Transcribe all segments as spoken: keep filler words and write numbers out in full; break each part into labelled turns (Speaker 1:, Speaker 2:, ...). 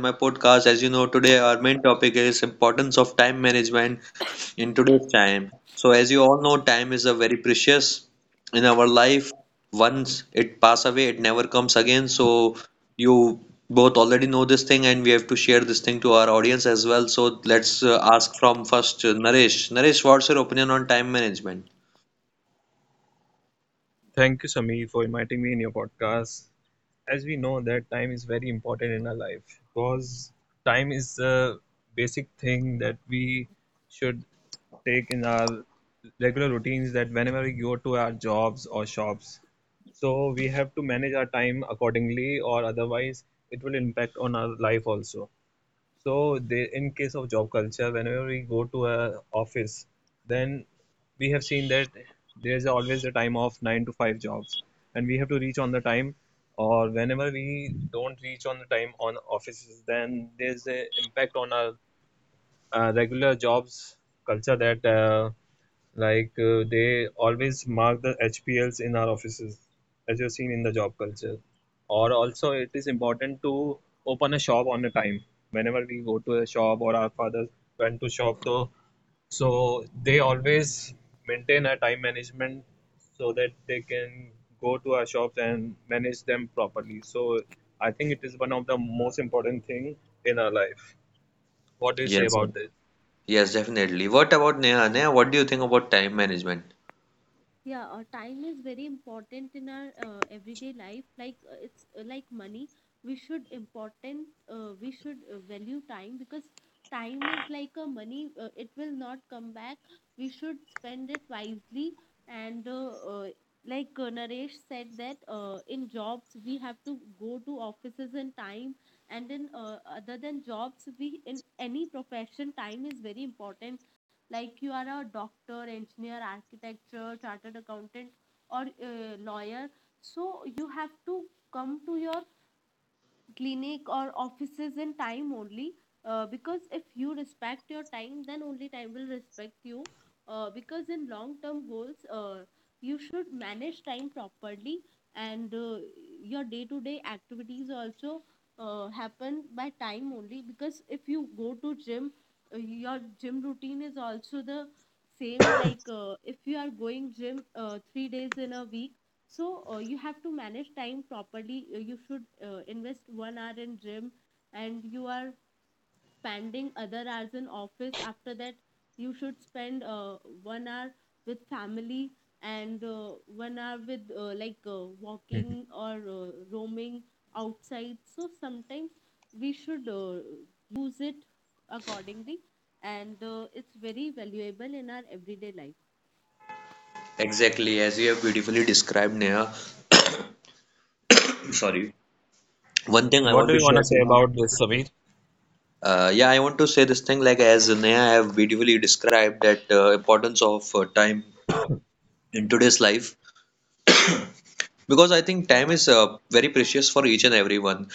Speaker 1: my podcast. As you know, today our main topic is importance of time management in today's time. So, as you all know, time is a very precious in our life. Once it pass away, it never comes again. So, you both already know this thing, and we have to share this thing to our audience as well. So, let's uh, ask from first uh, Naresh. Naresh, what's your opinion on time management?
Speaker 2: Thank you, Sami, for inviting me in your podcast. As we know that time is very important in our life because time is the basic thing that we should take in our regular routines, that whenever we go to our jobs or shops. So we have to manage our time accordingly, or otherwise it will impact on our life also. So they, in case of job culture, whenever we go to a office, then we have seen that there's always a time of nine to five jobs, and we have to reach on the time. Or whenever we don't reach on the time on offices, then there's a impact on our uh, regular jobs culture that uh, like uh, they always mark the H P Ls in our offices, as you've seen in the job culture. Or also, it is important to open a shop on a time. Whenever we go to a shop or our fathers went to shop, though, so they always maintain a time management so that they can go to our shops and manage them properly. So I think it is one of the most important thing in our life. What do you say
Speaker 1: Yes.
Speaker 2: about this?
Speaker 1: Yes, definitely. What about Neha? Neha, what do you think about time management?
Speaker 3: Yeah, uh, time is very important in our uh, everyday life. Like uh, it's uh, like money. We should important. Uh, we should uh, value time because time is like a money. Uh, it will not come back. We should spend it wisely. And uh, uh, like uh, Naresh said that uh, in jobs we have to go to offices in time. And in uh, other than jobs, we in any profession time is very important, like you are a doctor, engineer, architecture, chartered accountant, or a lawyer, so you have to come to your clinic or offices in time only, uh, because if you respect your time then only time will respect you, uh, because in long term goals uh, you should manage time properly, and uh, your day to day activities also uh, happen by time only, because if you go to gym, uh, your gym routine is also the same, like uh, if you are going gym uh, three days in a week, so uh, you have to manage time properly. Uh, you should uh, invest one hour in gym and you are spending other hours in office. After that you should spend uh, one hour with family and uh, one hour with uh, like uh, walking or uh, roaming outside, so sometimes we should uh, use it accordingly, and uh, it's very valuable in our everyday life.
Speaker 1: Exactly, as you have beautifully described, Neha. Sorry. One thing
Speaker 2: Mhm.
Speaker 1: I
Speaker 2: What
Speaker 1: want
Speaker 2: do
Speaker 1: to
Speaker 2: you want to
Speaker 1: share, you
Speaker 2: say
Speaker 1: know.
Speaker 2: about this, Sabir?
Speaker 1: Uh, yeah, I want to say this thing like as Neha have beautifully described that uh, importance of uh, time in today's life. Because I think time is uh, very precious for each and everyone.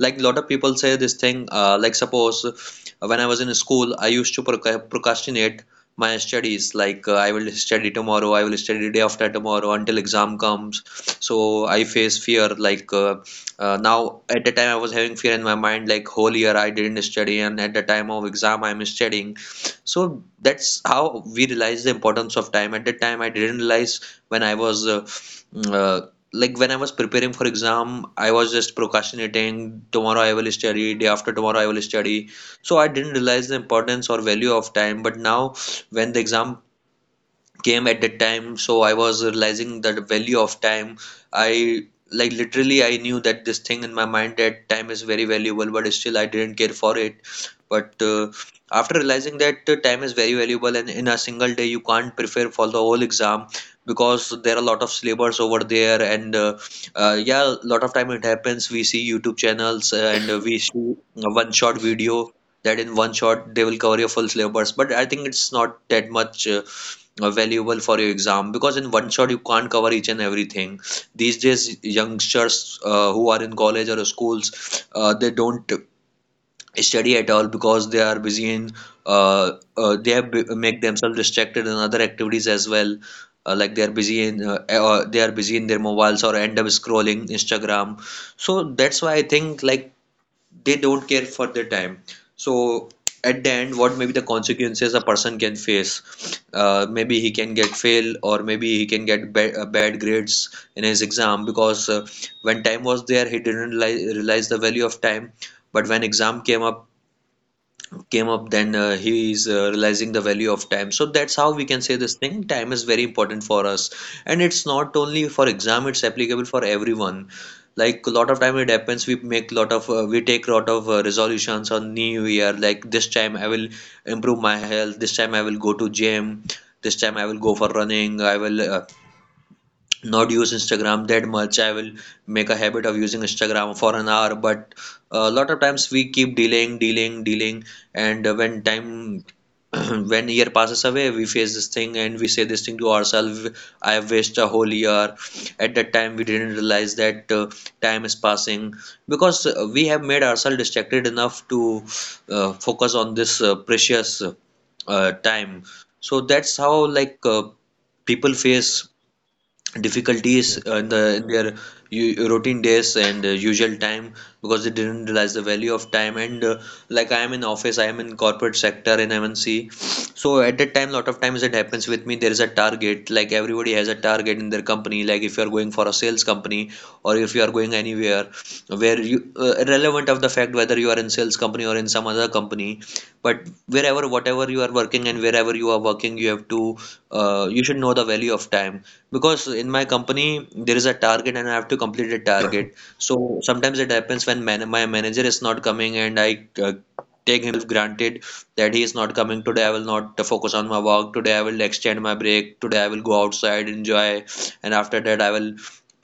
Speaker 1: Like a lot of people say this thing, uh, like suppose uh, when I was in school, I used to proc- procrastinate my studies. Like uh, I will study tomorrow, I will study day after tomorrow until exam comes. So I face fear. Like uh, uh, now at the time I was having fear in my mind. Like whole year I didn't study, and at the time of exam I'm studying. So that's how we realize the importance of time. At that time I didn't realize when I was. Uh, mm, uh, like when I was preparing for exam, I was just procrastinating. Tomorrow I will study. Day after tomorrow I will study. So I didn't realize the importance or value of time. But now, when the exam came at that time, so I was realizing the value of time. I, like, literally I knew that this thing in my mind, that time is very valuable, but still I didn't care for it. But uh, after realizing that uh, time is very valuable, and in a single day you can't prepare for the whole exam because there are a lot of syllabus over there. And uh, uh, yeah, a lot of time it happens, we see YouTube channels uh, and uh, we see a one shot video that in one shot they will cover your full syllabus. But I think it's not that much uh, uh, valuable for your exam because in one shot you can't cover each and everything. These days, youngsters uh, who are in college or schools uh, they don't study at all because they are busy in uh, uh, they have b- make themselves distracted in other activities as well, uh, like they are busy in uh, uh, they are busy in their mobiles or end up scrolling Instagram. So that's why I think, like, they don't care for their time. So at the end, what may be the consequences a person can face? Uh, maybe he can get fail, or maybe he can get bad, uh, bad grades in his exam. Because uh, when time was there, he didn't realize the value of time, but when exam came up came up then uh, he is uh, realizing the value of time. So that's how we can say this thing, time is very important for us. And it's not only for exam, it's applicable for everyone. Like a lot of time it happens, we make lot of uh, we take lot of uh, resolutions on new year. Like this time I will improve my health, this time I will go to gym, this time I will go for running, I will uh, not use Instagram that much. I will make a habit of using Instagram for an hour, but a lot of times we keep delaying, delaying, delaying, and uh, when time when year passes away, we face this thing and we say this thing to ourselves. I have wasted a whole year. At that time, we didn't realize that uh, time is passing because uh, we have made ourselves distracted enough to uh, focus on this uh, precious uh, time. So that's how, like, uh, people face difficulties uh, in the in their u- routine days and uh, usual time because they didn't realize the value of time. And uh, like I am in office, I am in corporate sector in M N C, so at that
Speaker 2: Yes.
Speaker 1: time, lot of times it happens with me. There is a target, like everybody has a target in their company. Like if you are going for a sales company or if you are going anywhere where you uh, irrelevant of the fact whether you are in sales company or in some other company, but wherever whatever you are working and wherever you are working, you have to uh, you should know the value of time. Because in my company, there is a target and I have to complete the target. So sometimes it happens when man my manager is not coming, and I uh, take himself granted that he is not coming today. I will not focus on my work. Today I will extend my break. Today I will go outside, enjoy, and after that I will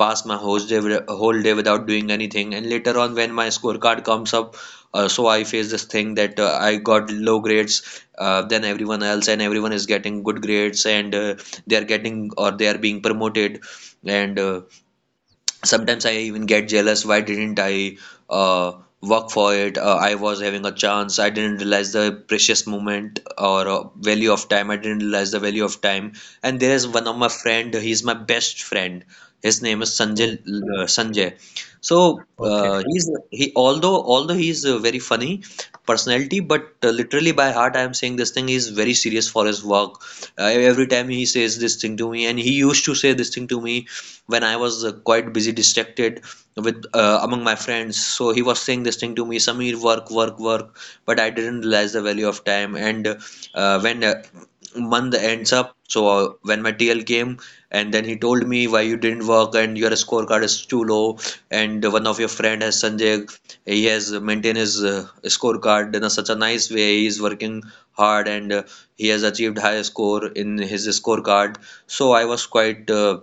Speaker 1: pass my whole day, with- whole day without doing anything. And later on, when my scorecard comes up, uh, so I face this thing that uh, I got low grades uh, than everyone else, and everyone is getting good grades, and uh, they are getting or they are being promoted, and uh, Sometimes I even get jealous. Why didn't I uh, work for it? Uh, I was having a chance. I didn't realize the precious moment or uh, value of time. I didn't realize the value of time. And there is one of my friend. He's my best friend. His name is Sanjay.
Speaker 2: Okay.
Speaker 1: Uh, Sanjay. So
Speaker 2: Okay.
Speaker 1: uh, he's he although although he's a very funny personality, but uh, literally by heart I am saying this thing. He's very serious for his work. Uh, every time he says this thing to me, and he used to say this thing to me when I was uh, quite busy, distracted with uh, among my friends. So he was saying this thing to me, "Sameer, work, work, work." But I didn't realize the value of time. And uh, when uh, month ends up, so uh, when my T L came, and then he told me, why you didn't work and your scorecard is too low. And one of your friend has Sanjay, he has maintained his uh, scorecard in a, such a nice way. He is working hard and uh, he has achieved high score in his scorecard. So I was quite uh,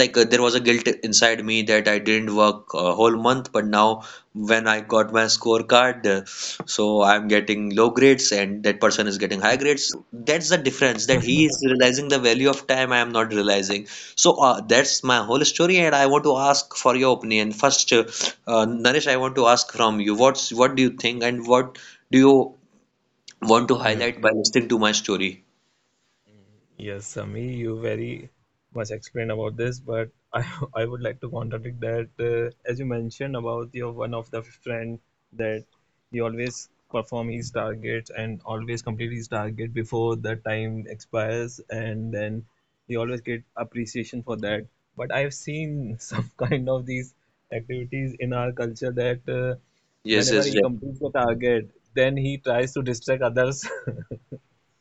Speaker 1: like uh, there was a guilt inside me that I didn't work a whole month, but now when I got my scorecard, uh, so I'm getting low grades and that person is getting high grades. So that's the difference, that he is realizing the value of time, I am not realizing. So uh, that's my whole story, and I want to ask for your opinion. First, uh, uh, Naresh, I want to ask from you, what's what do you think and what do you want to
Speaker 2: Yeah.
Speaker 1: highlight by listening to my story?
Speaker 2: Yes, Sami, you very much explained about this, but I I would like to contradict that, uh, as you mentioned about your one of the friend that he always perform his targets and always complete his target before the time expires, and then he always get appreciation for that. But I've seen some kind of these activities in our culture that, uh,
Speaker 1: Yes,
Speaker 2: whenever
Speaker 1: yes,
Speaker 2: he
Speaker 1: yes.
Speaker 2: completes the target, then he tries to distract others.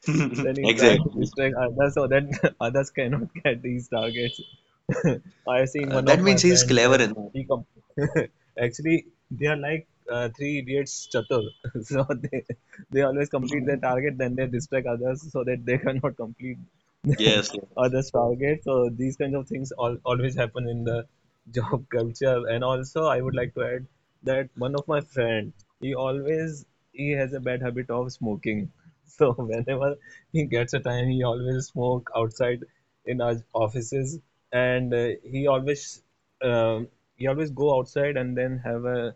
Speaker 2: Then he tried to
Speaker 1: Exactly.
Speaker 2: distract others so that others cannot get these targets. I have seen
Speaker 1: Uh,
Speaker 2: one
Speaker 1: that
Speaker 2: of my
Speaker 1: means he's
Speaker 2: friends,
Speaker 1: clever
Speaker 2: then
Speaker 1: enough.
Speaker 2: he com actually they are like uh, three idiots chatur. So they they always complete their target, then they distract others so that they cannot complete
Speaker 1: Yes,
Speaker 2: or the Stargate. So these kinds of things all, always happen in the job culture. And also, I would like to add that one of my friend, he always he has a bad habit of smoking. So whenever he gets a time, he always smoke outside in our offices, and uh, he always um, he always go outside and then have a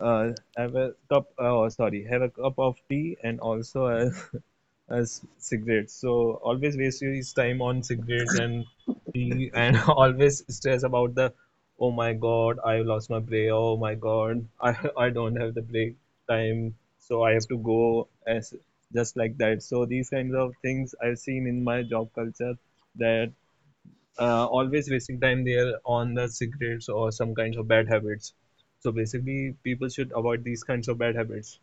Speaker 2: uh, have a cup, uh, sorry, have a cup of tea and also a as cigarettes. So always waste his time on cigarettes and tea, and always stress about the, oh my god, I lost my break. Oh my god, I I don't have the break time, so I have to go as just like that. So these kinds of things I've seen in my job culture that, uh, always wasting time there on the cigarettes or some kinds of bad habits. So basically, people should avoid these kinds of bad habits.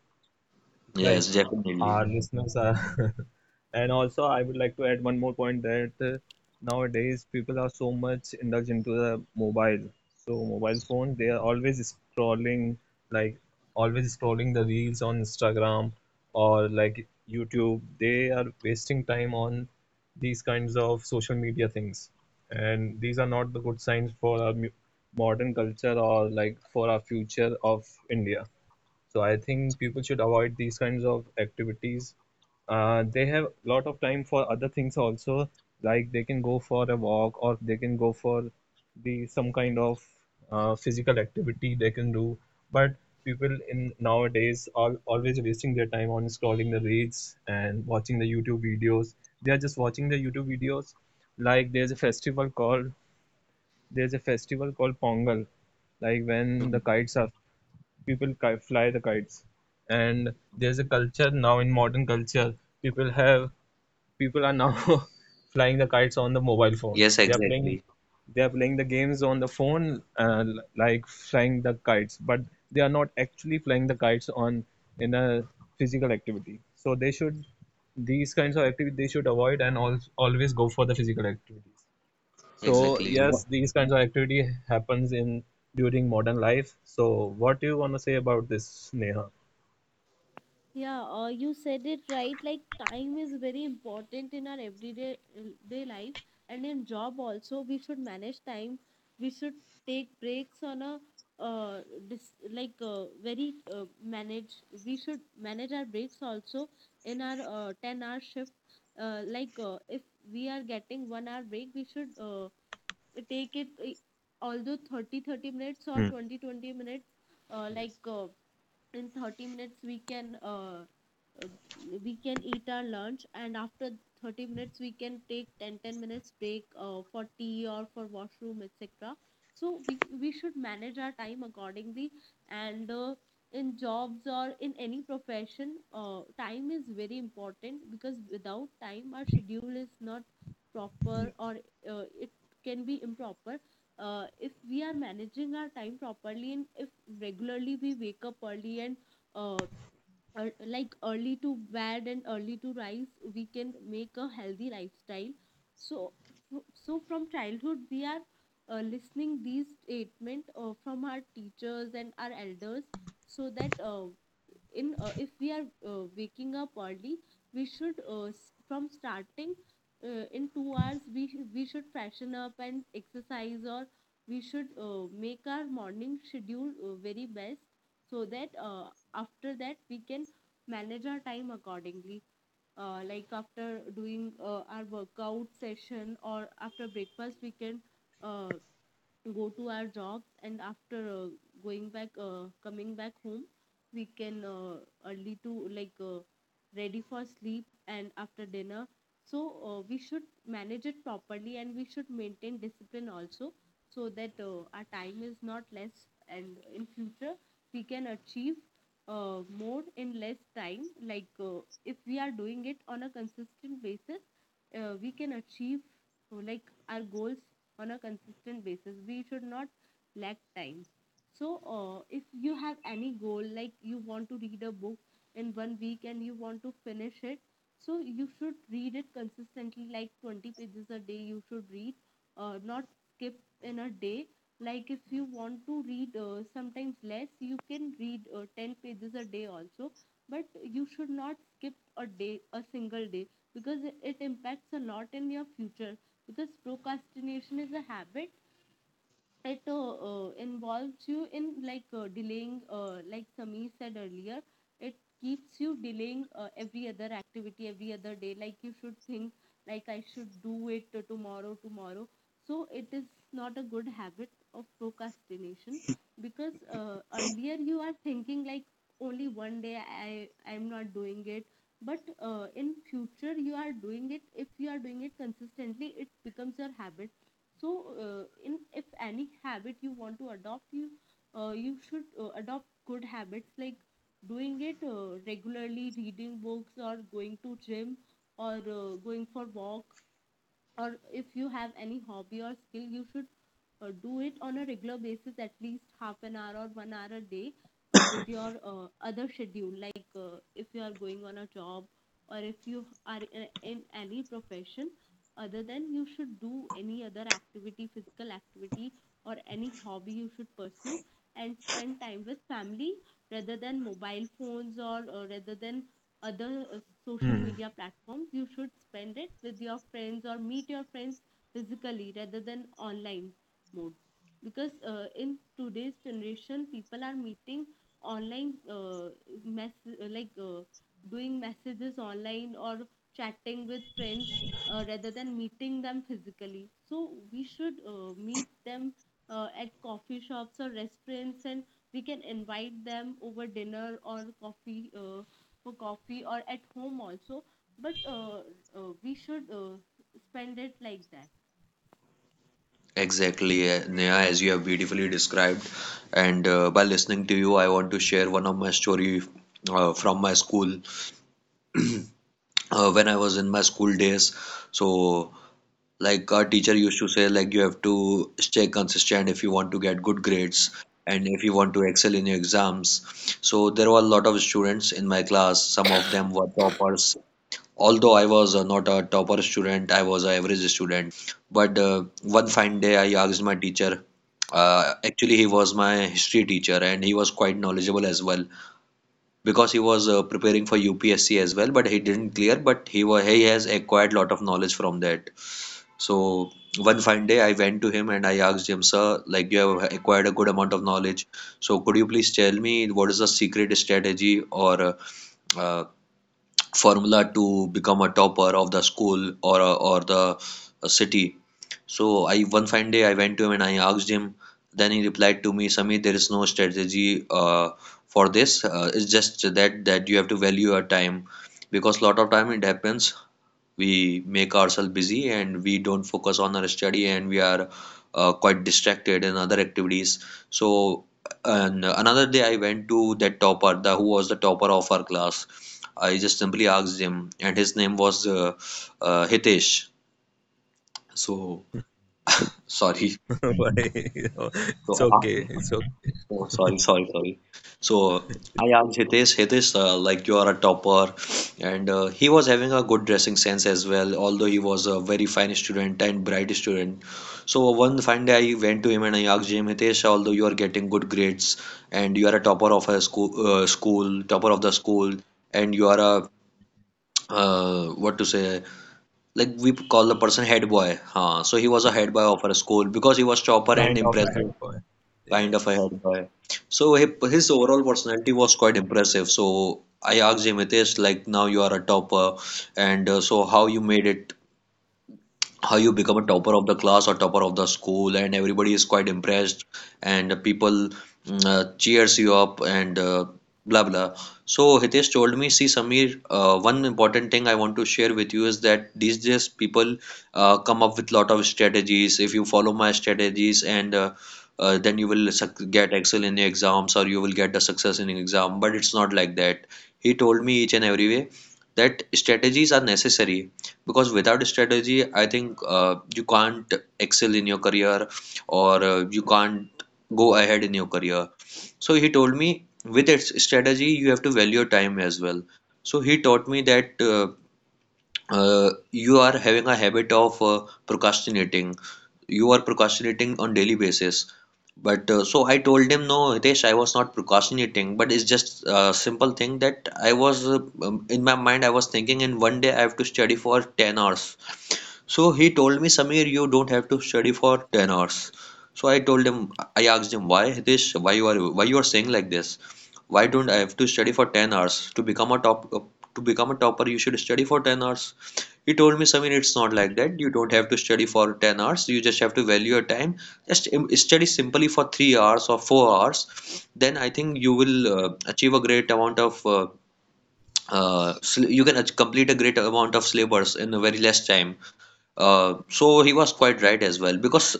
Speaker 2: Like
Speaker 1: yes, definitely.
Speaker 2: our listeners are. And also, I would like to add one more point that, uh, nowadays people are so much indulged into the mobile. So mobile phone, they are always scrolling, like always scrolling the reels on Instagram or like YouTube. They are wasting time on these kinds of social media things, and these are not the good signs for our mu- modern culture or like for our future of India. So I think people should avoid these kinds of activities. Uh, they have a lot of time for other things also, like they can go for a walk, or they can go for the some kind of uh, physical activity they can do. But people in nowadays are always wasting their time on scrolling the reels and watching the YouTube videos. They are just watching the YouTube videos. Like, there's a festival called there's a festival called Pongal, like when the
Speaker 1: Mm.
Speaker 2: kites are people ki- fly the kites. And there's a culture now, in modern culture, people have people are now flying the kites on the mobile phone.
Speaker 1: Yes,
Speaker 2: They are playing
Speaker 1: exactly,
Speaker 2: they are playing the games on the phone, uh, l- like flying the kites, but they are not actually flying the kites on in a physical activity. So they should these kinds of activity they should avoid, and al- always go for the physical activities. So
Speaker 1: exactly, Wha-
Speaker 2: yes, these kinds of activity happens in during modern life. So what do you want to say about this, Neha?
Speaker 3: Yeah, uh, you said it right. Like time is very important in our everyday uh, day life and in job also. We should manage time. We should take breaks on a uh, dis- like uh, very uh, manage. We should manage our breaks also in our uh, ten hour shift. Uh, like uh, if we are getting one hour break, we should uh, take it. Uh, although thirty thirty minutes or twenty twenty minutes, uh, like
Speaker 2: Yes.
Speaker 3: uh, in thirty minutes we can uh, uh, we can eat our lunch, and after thirty minutes we can take ten ten minutes break uh, for tea or for washroom, etc. So we we should manage our time accordingly, and uh, in jobs or in any profession uh, time is very important, because without time our schedule is not proper,
Speaker 2: Yes.
Speaker 3: or uh, it can be improper uh, if we are managing our time properly. And if regularly we wake up early, and uh, ear- like early to bed and early to rise, we can make a healthy lifestyle. So so from childhood we are uh, listening these statement uh, from our teachers and our elders, so that uh, in uh, if we are uh, waking up early, we should uh, s- from starting uh, in two hours we sh- we should freshen up and exercise, or we should uh, make our morning schedule uh, very best, so that uh, after that we can manage our time accordingly, uh, like after doing uh, our workout session or after breakfast we can uh, go to our jobs, and after uh, going back uh, coming back home we can uh, early to like uh, ready for sleep, and after dinner, so uh, we should manage it properly, and we should maintain discipline also, so that uh, our time is not less, and in future we can achieve uh, more in less time, like uh, if we are doing it on a consistent basis, uh, we can achieve uh, like our goals on a consistent basis. We should not lack time. So uh, if you have any goal, like you want to read a book in one week and you want to finish it, so you should read it consistently, like twenty pages a day. You should read, uh, not skip in a day. Like if you want to read uh, sometimes less, you can read uh, ten pages a day also, but you should not skip a day a single day, because it it impacts a lot in your future. Because procrastination is a habit. It uh, uh, involves you in, like uh, delaying, uh, like Sami said earlier, it keeps you delaying uh, every other activity, every other day. Like you should think, like I should do it uh, tomorrow tomorrow. So it is not a good habit of procrastination, because uh, earlier you are thinking, like only one day I I'm not doing it, but uh, in future you are doing it. If you are doing it consistently, it becomes your habit. So uh, in if any habit you want to adopt, you uh, you should uh, adopt good habits, like doing it uh, regularly, reading books or going to gym or uh, going for walk. Or if you have any hobby or skill, you should uh, do it on a regular basis, at least half an hour or one hour a day, uh, with your uh, other schedule. Like uh, if you are going on a job or if you are in, in any profession, other than you should do any other activity, physical activity or any hobby you should pursue, and spend time with family rather than mobile phones, or, or rather than other uh, social
Speaker 2: Hmm.
Speaker 3: media platforms. You should spend it with your friends or meet your friends physically rather than online mode. Because uh, in today's generation, people are meeting online, uh, mess- uh, like uh, doing messages online or chatting with friends uh, rather than meeting them physically. So we should uh, meet them uh, at coffee shops or restaurants, and we can invite them over dinner or coffee, uh, for coffee or at home also, but uh, uh, we should uh, spend it like that.
Speaker 1: exactly. uh, Neha, as you have beautifully described, and uh, by listening to you, I want to share one of my story uh, from my school uh, when I was in my school days. So, like our teacher used to say, like you have to stay consistent if you want to get good grades and if you want to excel in your exams. So there were a lot of students in my class. Some of them were toppers. Although I was uh, not a topper student, I was an average student. But uh, one fine day, I asked my teacher. Uh, actually, he was my history teacher, and he was quite knowledgeable as well because he was uh, preparing for U P S C as well. But he didn't clear, but he was he has acquired lot of knowledge from that. So one fine day, I went to him and I asked him, sir, like you have acquired a good amount of knowledge. So could you please tell me, what is the secret strategy or uh, uh, formula to become a topper of the school or a, or the uh, city? So I one fine day I went to him and I asked him. Then he replied to me, Sami, there is no strategy uh, for this. Uh, it's just that that you have to value your time because lot of time it happens we make ourselves busy and we don't focus on our study and we are uh, quite distracted in other activities, so and another day I went to that topper, the who was the topper of our class. I just simply asked him, and his name was uh, uh, Hitesh. So sorry,
Speaker 2: Why? It's
Speaker 1: so
Speaker 2: okay. It's okay.
Speaker 1: oh, sorry, sorry, sorry. So I asked Hitesh, Hitesh, uh, like you are a topper, and uh, he was having a good dressing sense as well, although he was a very fine student and bright student. So one fine day I went to him and I asked him, Hitesh, although you are getting good grades and you are a topper of a school, uh, school, topper of the school, and you are a uh, what to say, like we call the person head boy. Huh? So he was a head boy of our school because he was topper and
Speaker 2: Kind of a head
Speaker 1: impressive,
Speaker 2: boy.
Speaker 1: kind of a head guy. So hi- his overall personality was quite impressive. So I asked him, Hitesh, like now you are a topper, and uh, so how you made it, how you become a topper of the class or topper of the school, and everybody is quite impressed and people mm, uh, cheers you up and uh, blah blah. So Hitesh told me, see Samir, uh, one important thing I want to share with you is that these days people uh, come up with lot of strategies. If you follow my strategies and uh, uh, then you will suc- get excel in your exams, or you will get the success in your exam. But it's not like that. He told me each and every way that strategies are necessary, because without a strategy I think uh, you can't excel in your career, or uh, you can't go ahead in your career. So he told me, with its strategy you have to value your time as well. So he taught me that uh, uh, you are having a habit of uh, procrastinating. You are procrastinating on daily basis. But uh, so I told him, no Hitesh, I was not procrastinating, but it's just a simple thing that I was uh, um, in my mind I was thinking, in one day I have to study for ten hours. So he told me, Samir, you don't have to study for ten hours. So I told him, I asked him, why this? Why you are, why you are saying like this? Why don't I have to study for ten hours to become a top uh, to become a topper? You should study for ten hours. He told me, Samir, it's not like that. You don't have to study for ten hours. You just have to value your time. Just um, study simply for three hours or four hours. Then I think you will uh, achieve a great amount of. Uh, uh, you can complete a great amount of syllabus in a very less time, uh, so he was quite right as well, because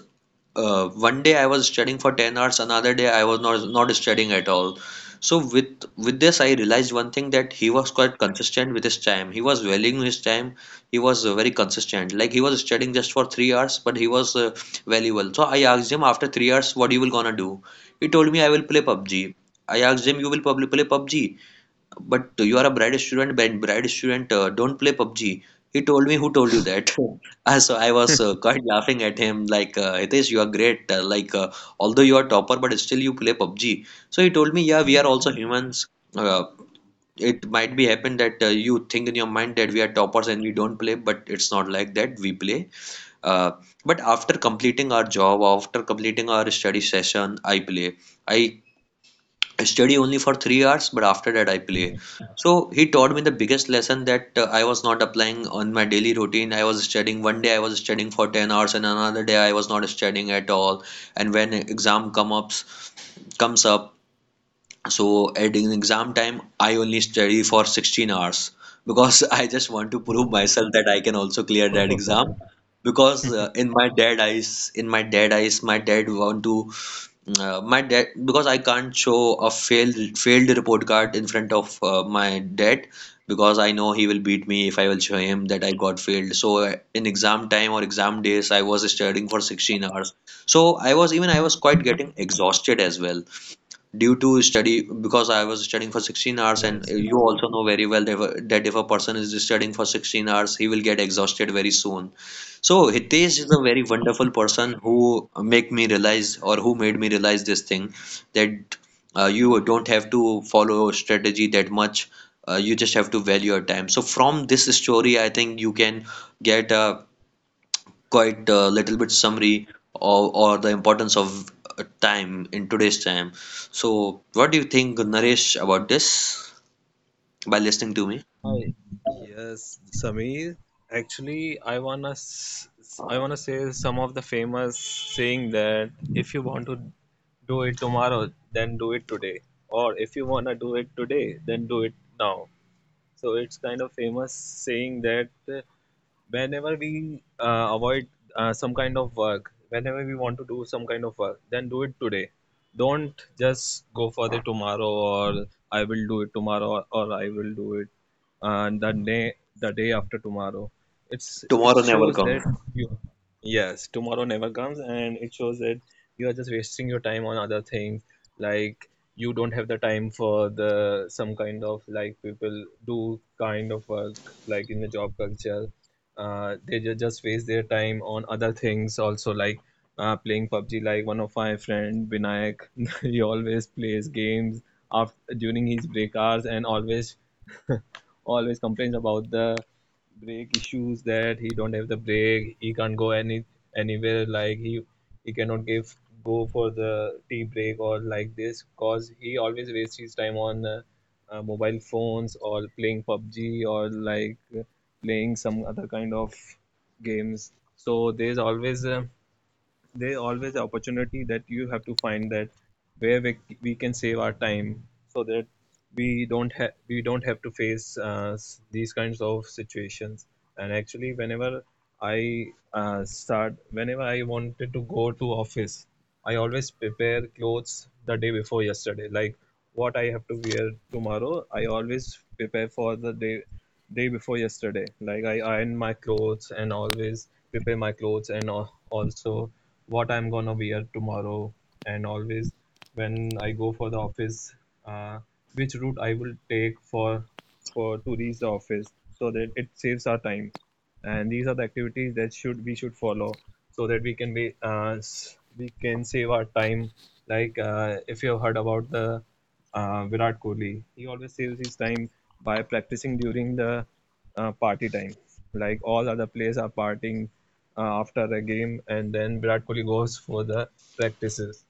Speaker 1: uh, one day I was studying for ten hours, another day I was not not studying at all. So with with this, I realized one thing, that he was quite consistent with his time. He was valuing his time. He was uh, very consistent. Like he was studying just for three hours, but he was uh, valuable. So I asked him, after three hours, what you will gonna do? He told me I will play P U B G. I asked him, you will probably play P U B G? But you are a bright student. But bright student, uh, don't play P U B G. He told me, who told you that? Uh, so I was uh, quite laughing at him, like, uh, Hitesh, you are great. Uh, like, uh, although you are topper, but still you play P U B G. So he told me, yeah, we are also humans. Uh, it might be happen that uh, you think in your mind that we are toppers and we don't play, but it's not like that. We play. Uh, but after completing our job, after completing our study session, I play. I I study only for three hours, but after that I play. So he taught me the biggest lesson that uh, I was not applying on my daily routine. I was studying One day I was studying for ten hours, and another day I was not studying at all. And when exam come ups comes up, so at in exam time I only study for sixteen hours because I just want to prove
Speaker 2: Whoa.
Speaker 1: myself that I can also clear that exam. Because uh, in my dead eyes, in my dead eyes, my dad want to uh, my dad, because I can't show a failed failed report card in front of uh, my dad, because I know he will beat me if I will show him that I got failed. So uh, in exam time or exam days, I was studying for sixteen hours. So I was even I was quite getting exhausted as well due to study, because I was studying for sixteen hours. And
Speaker 2: Yes, yes,
Speaker 1: you also know very well that if a that if a person is studying for sixteen hours, he will get exhausted very soon. So
Speaker 2: yes.
Speaker 1: Hitesh is a very wonderful person who make me realize, or who made me realize this thing, that uh, you don't have to follow strategy that much. Uh, you just have to value your time. So from this story I think you can get a quite a little bit summary of, or the importance of uh, time in today's time. So, what do you think, Naresh, about this by listening to me?
Speaker 2: Hi. Yes, Sameer. Actually, I wanna s- s- I wanna say some of the famous saying that if you want to do it tomorrow, then do it today, or if you wanna do it today, then do it now. So it's kind of famous saying that whenever we uh, avoid uh, some kind of work, whenever we want to do some kind of work, then do it today. Don't just go for the tomorrow, or I will do it tomorrow, or, or I will do it, and the day the day after tomorrow. It's it
Speaker 1: Tomorrow never
Speaker 2: shows
Speaker 1: comes.
Speaker 2: that you, yes, tomorrow never comes, and it shows that you are just wasting your time on other things. Like, you don't have the time for the some kind of, like people do kind of work, like in the job culture, uh, they ju- just waste their time on other things also, like uh, playing PUBG. Like, one of my friend Vinayak, he always plays games after during his break hours, and always always complains about the break issues that he don't have the break, he can't go any anywhere, like he he cannot give go for the tea break or like this, cause he always wastes his time on uh, uh, mobile phones or playing PUBG or like playing some other kind of games. So there's always a, there's always an opportunity that you have to find that where we, we can save our time, so that we don't have we don't have to face, uh, s- these kinds of situations. And actually, whenever i uh, start whenever I wanted to go to office, I always prepare clothes the day before yesterday, like what I have to wear tomorrow. I always prepare for the day day before yesterday, like I iron my clothes and always prepare my clothes, and al- also what I'm gonna wear tomorrow, and always when I go for the office, uh, which route I will take for for to reach the office, so that it saves our time. And these are the activities that should we should follow, so that we can be uh, s- we can save our time. Like, uh, if you have heard about the uh, Virat Kohli, he always saves his time by practicing during the uh, party time. Like all other players are partying uh, after a game, and then Virat Kohli goes for the practices.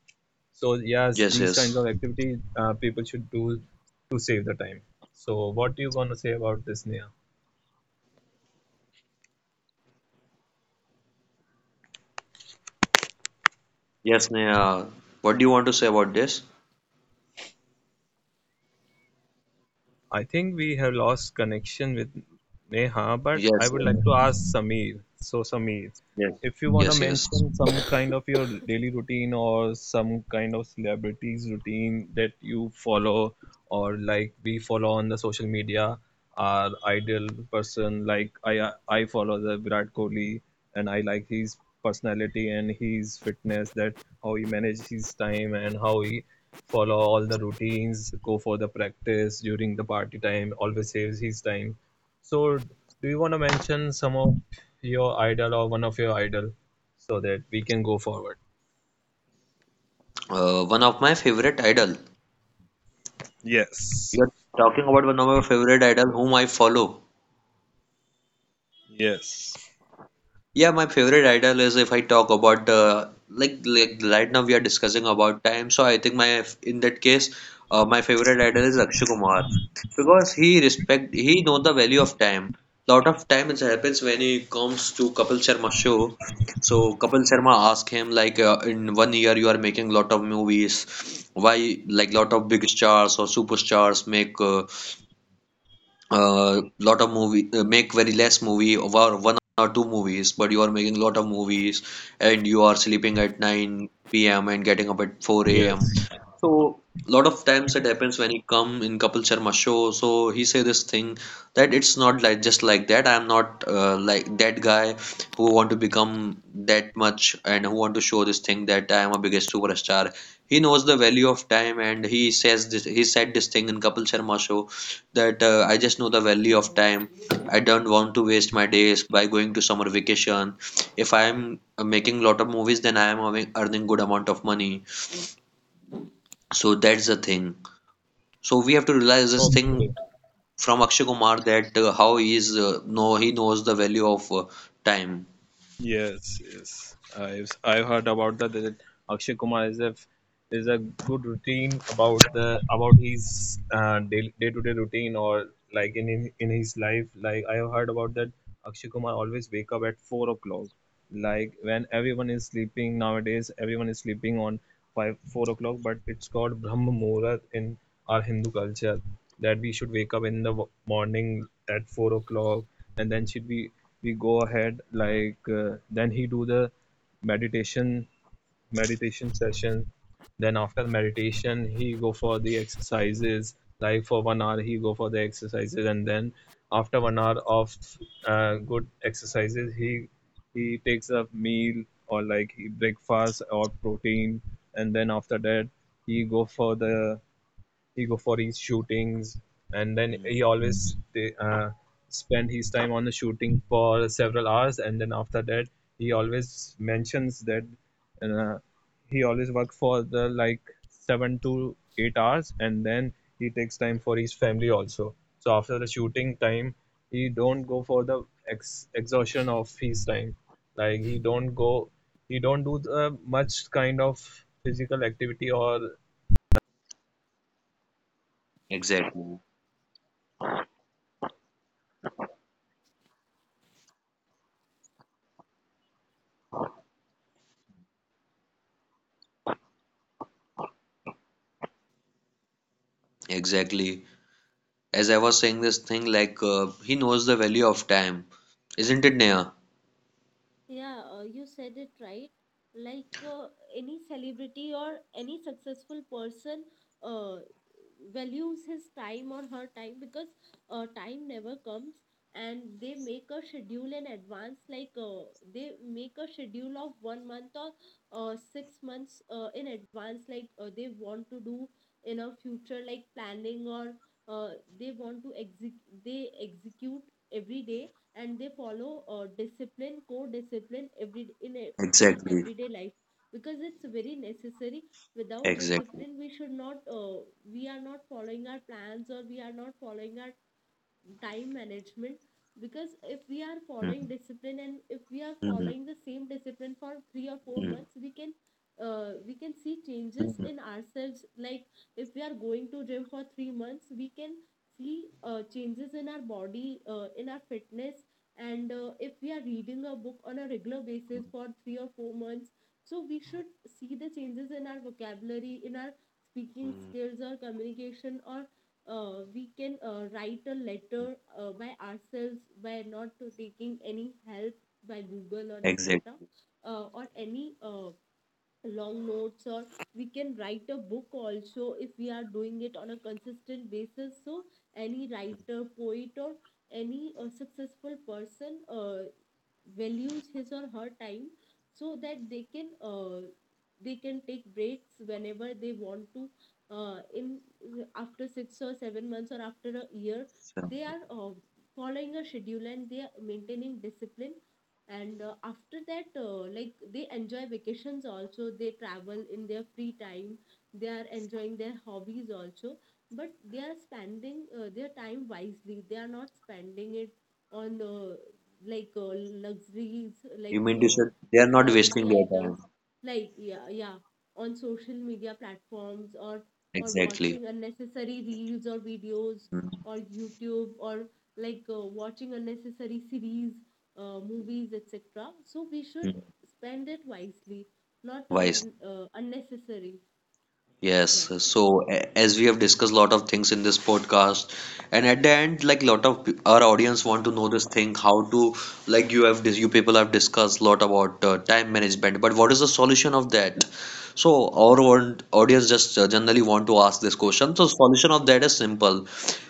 Speaker 2: So yes,
Speaker 1: Yes,
Speaker 2: these kinds of
Speaker 1: yes.
Speaker 2: activities, uh, people should do to save the time. So what do you want to say about this, Neha?
Speaker 1: Yes, Neha. What do you want to say about this?
Speaker 2: I think we have lost connection with Neha, but I
Speaker 1: Yes,
Speaker 2: would
Speaker 1: uh,
Speaker 2: like to ask Sameer. So, Sameer,
Speaker 1: yes,
Speaker 2: if you want to
Speaker 1: yes, yes.
Speaker 2: mention some kind of your daily routine or some kind of celebrities routine that you follow, or like we follow on the social media, our ideal person. Like, I I follow the Virat Kohli, and I like his personality and his fitness, that how he manages his time and how he follow all the routines, go for the practice during the party time, always saves his time. So, do you want to mention some of your idol, or one of your idol, so that we can go forward?
Speaker 1: Uh, one of my favorite idol. You are talking about one of my favorite idol whom I follow. Yeah, my favorite idol is, if I talk about the like like right now we are discussing about time. So I think my in that case, uh, my favorite idol is Akshay Kumar, because he respect he know the value of time. Lot of time it happens when he comes to Kapil Sharma show. So Kapil Sharma ask him like, uh, in one year you are making lot of movies. Why like lot of big stars or superstars make uh, uh, lot of movie, uh, make very less movie or one or two movies, but you are making lot of movies and you are sleeping at nine p.m and getting up at four a.m. So lot of times it happens when he come in Kapil Sharma show, so he say this thing that it's not like just like that. I'm not uh, like that guy who want to become that much and who want to show this thing that I am a biggest superstar. He knows the value of time, and he says this he said this thing in Kapil Sharma show that uh, I just know the value of time. I don't want to waste my days by going to summer vacation. If I'm uh, making lot of movies, then I am having, earning good amount of money. So that's the thing. So we have to realize this thing
Speaker 2: Okay.
Speaker 1: from Akshay Kumar that uh, how he is uh, no he knows the value of uh, time.
Speaker 2: Yes, yes. I've I've heard about that, that Akshay Kumar is a is a good routine about the about his uh, day to day routine, or like in, in in his life. Like, I have heard about that Akshay Kumar always wake up at four o'clock, like when everyone is sleeping. Nowadays everyone is sleeping on 5 4 o'clock, but it's called brahma muhurat in our Hindu culture, that we should wake up in the w- morning at 4 o'clock, and then should we we go ahead. Like, uh, then he do the meditation meditation session. Then after meditation, he go for the exercises. Like for one hour, he go for the exercises, and then after one hour of uh, good exercises, he he takes a meal or like breakfast or protein, and then after that he go for the he go for his shootings, and then
Speaker 1: Hmm,
Speaker 2: he always uh, spend his time on the shooting for several hours, and then after that he always mentions that, uh, he always work for the like seven to eight hours, and then he takes time for his family also. So after the shooting time, he don't go for the ex- exhaustion of his time, like he don't go he don't do the much kind of physical activity or
Speaker 1: exactly. Exactly. As I was saying this thing, like uh, he knows the value of time, isn't it, Neha?
Speaker 3: Yeah, uh, you said it right. Like uh, any celebrity or any successful person uh, values his time or her time, because uh, time never comes, and they make a schedule in advance. Like uh, they make a schedule of one month or uh, six months uh, in advance, like uh, they want to do in a future, like planning, or uh, they want to exec- they execute every day, and they follow uh, discipline, core discipline every in a, their
Speaker 1: Exactly.
Speaker 3: everyday life, because it's very necessary. Without
Speaker 1: Exactly.
Speaker 3: discipline, we should not uh, we are not following our plans, or we are not following our time management. Because if we are
Speaker 1: Hmm,
Speaker 3: following discipline and if we are
Speaker 1: hmm,
Speaker 3: following the same discipline for three or four
Speaker 1: hmm,
Speaker 3: months we can uh, we can see changes
Speaker 1: hmm.
Speaker 3: in ourselves. Like if we are going to gym for three months, we can see uh, changes in our body, uh, in our fitness. And uh, if we are reading a book on a regular basis for three or four months, so we should see the changes in our vocabulary, in our speaking skills or communication, or uh, we can uh, write a letter uh, by ourselves, by not to taking any help by Google or etc,
Speaker 1: Exactly.
Speaker 3: uh, or any uh, long notes, or we can write a book also if we are doing it on a consistent basis. So any writer, poet, or any uh, successful person uh, values his or her time, so that they can uh, they can take breaks whenever they want to, uh, in after six or seven months or after a year.
Speaker 1: So
Speaker 3: They are uh, following a schedule and they are maintaining discipline. And uh, after that, uh, like they enjoy vacations also, they travel in their free time, they are enjoying their hobbies also, but they are spending uh, their time wisely. They are not spending it on uh, like uh, luxuries,
Speaker 1: you
Speaker 3: like
Speaker 1: mean to
Speaker 3: uh,
Speaker 1: say they are not wasting
Speaker 3: technology
Speaker 1: their
Speaker 3: items,
Speaker 1: time.
Speaker 3: like yeah, yeah, on social media platforms or or
Speaker 1: Exactly.
Speaker 3: watching unnecessary reels or videos
Speaker 1: Mm,
Speaker 3: or YouTube, or like uh, watching unnecessary series, uh, movies, et cetera. So we should
Speaker 1: mm.
Speaker 3: spend it wisely, not uh,
Speaker 1: Wise.
Speaker 3: n- uh, unnecessary. Yeah,
Speaker 1: Yes. So a- as we have discussed a lot of things in this podcast, and at the end, like lot of pe- our audience want to know this thing, how to, like, you have dis- you people have discussed a lot about uh, time management, but what is the solution of that? So our want, audience just uh, generally want to ask this question. So solution of that is simple.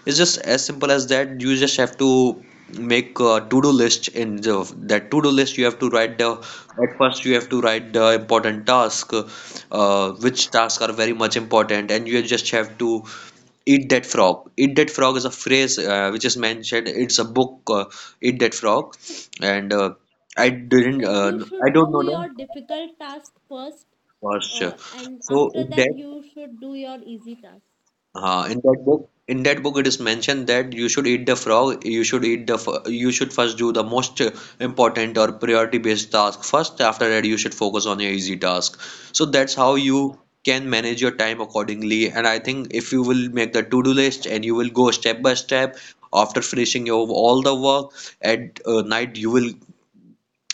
Speaker 1: It's just as simple as that. You just have to make a to-do list. In the, that to-do list, you have to write the. At first, you have to write the important task, uh, which tasks are very much important, and you just have to eat that frog. Eat that frog is a phrase, uh, which is mentioned. It's a book. Uh, eat that frog, and uh, I didn't.
Speaker 3: like
Speaker 1: Uh,
Speaker 3: you
Speaker 1: I
Speaker 3: should
Speaker 1: don't
Speaker 3: do
Speaker 1: know the
Speaker 3: your difficult task first,
Speaker 1: first.
Speaker 3: uh, and
Speaker 1: So
Speaker 3: after
Speaker 1: in
Speaker 3: that
Speaker 1: that
Speaker 3: you should do your easy task,
Speaker 1: Uh, in that book, in that book, it is mentioned that you should eat the frog. You should eat the. f- You should first do the most uh, important or priority-based task first. After that, you should focus on your easy task. So that's how you can manage your time accordingly. And I think if you will make the to-do list and you will go step by step, after finishing your all the work at uh, night, you will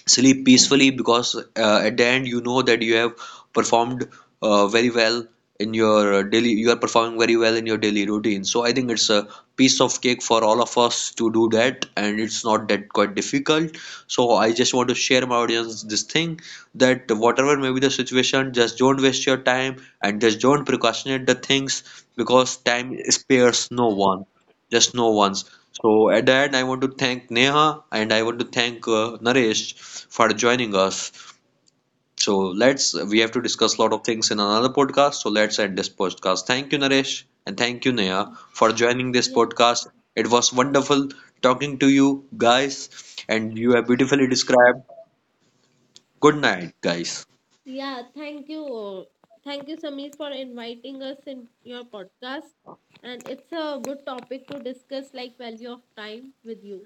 Speaker 1: sleep peacefully, because uh, at the end you know that you have performed uh, very well in your uh, daily you are performing very well in your daily routine. So I think it's a piece of cake for all of us to do that, and it's not that quite difficult. So I just want to share my audience this thing, that whatever may be the situation, just don't waste your time and just don't procrastinate the things, because time spares no one, just no one's. So at the end, I want to thank Neha and I want to thank uh, Naresh for joining us. So let's We have to discuss a lot of things in another podcast. So let's end this podcast. Thank you, Naresh, and thank you, Neha, for joining this
Speaker 3: yeah.
Speaker 1: podcast. It was wonderful talking to you guys, and you have beautifully described. Good night, guys.
Speaker 3: Yeah, thank you. Thank you, Samir, for inviting us in your podcast. And it's a good topic to discuss, like value of time with you.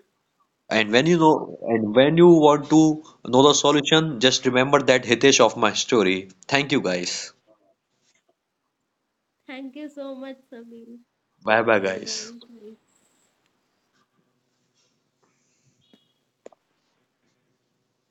Speaker 1: And when you know, and when you want to know the solution, just remember that Hitesh of my story. Thank you, guys.
Speaker 3: Thank you so much, Samir.
Speaker 1: Bye bye,
Speaker 3: Bye
Speaker 1: guys.
Speaker 3: bye, guys.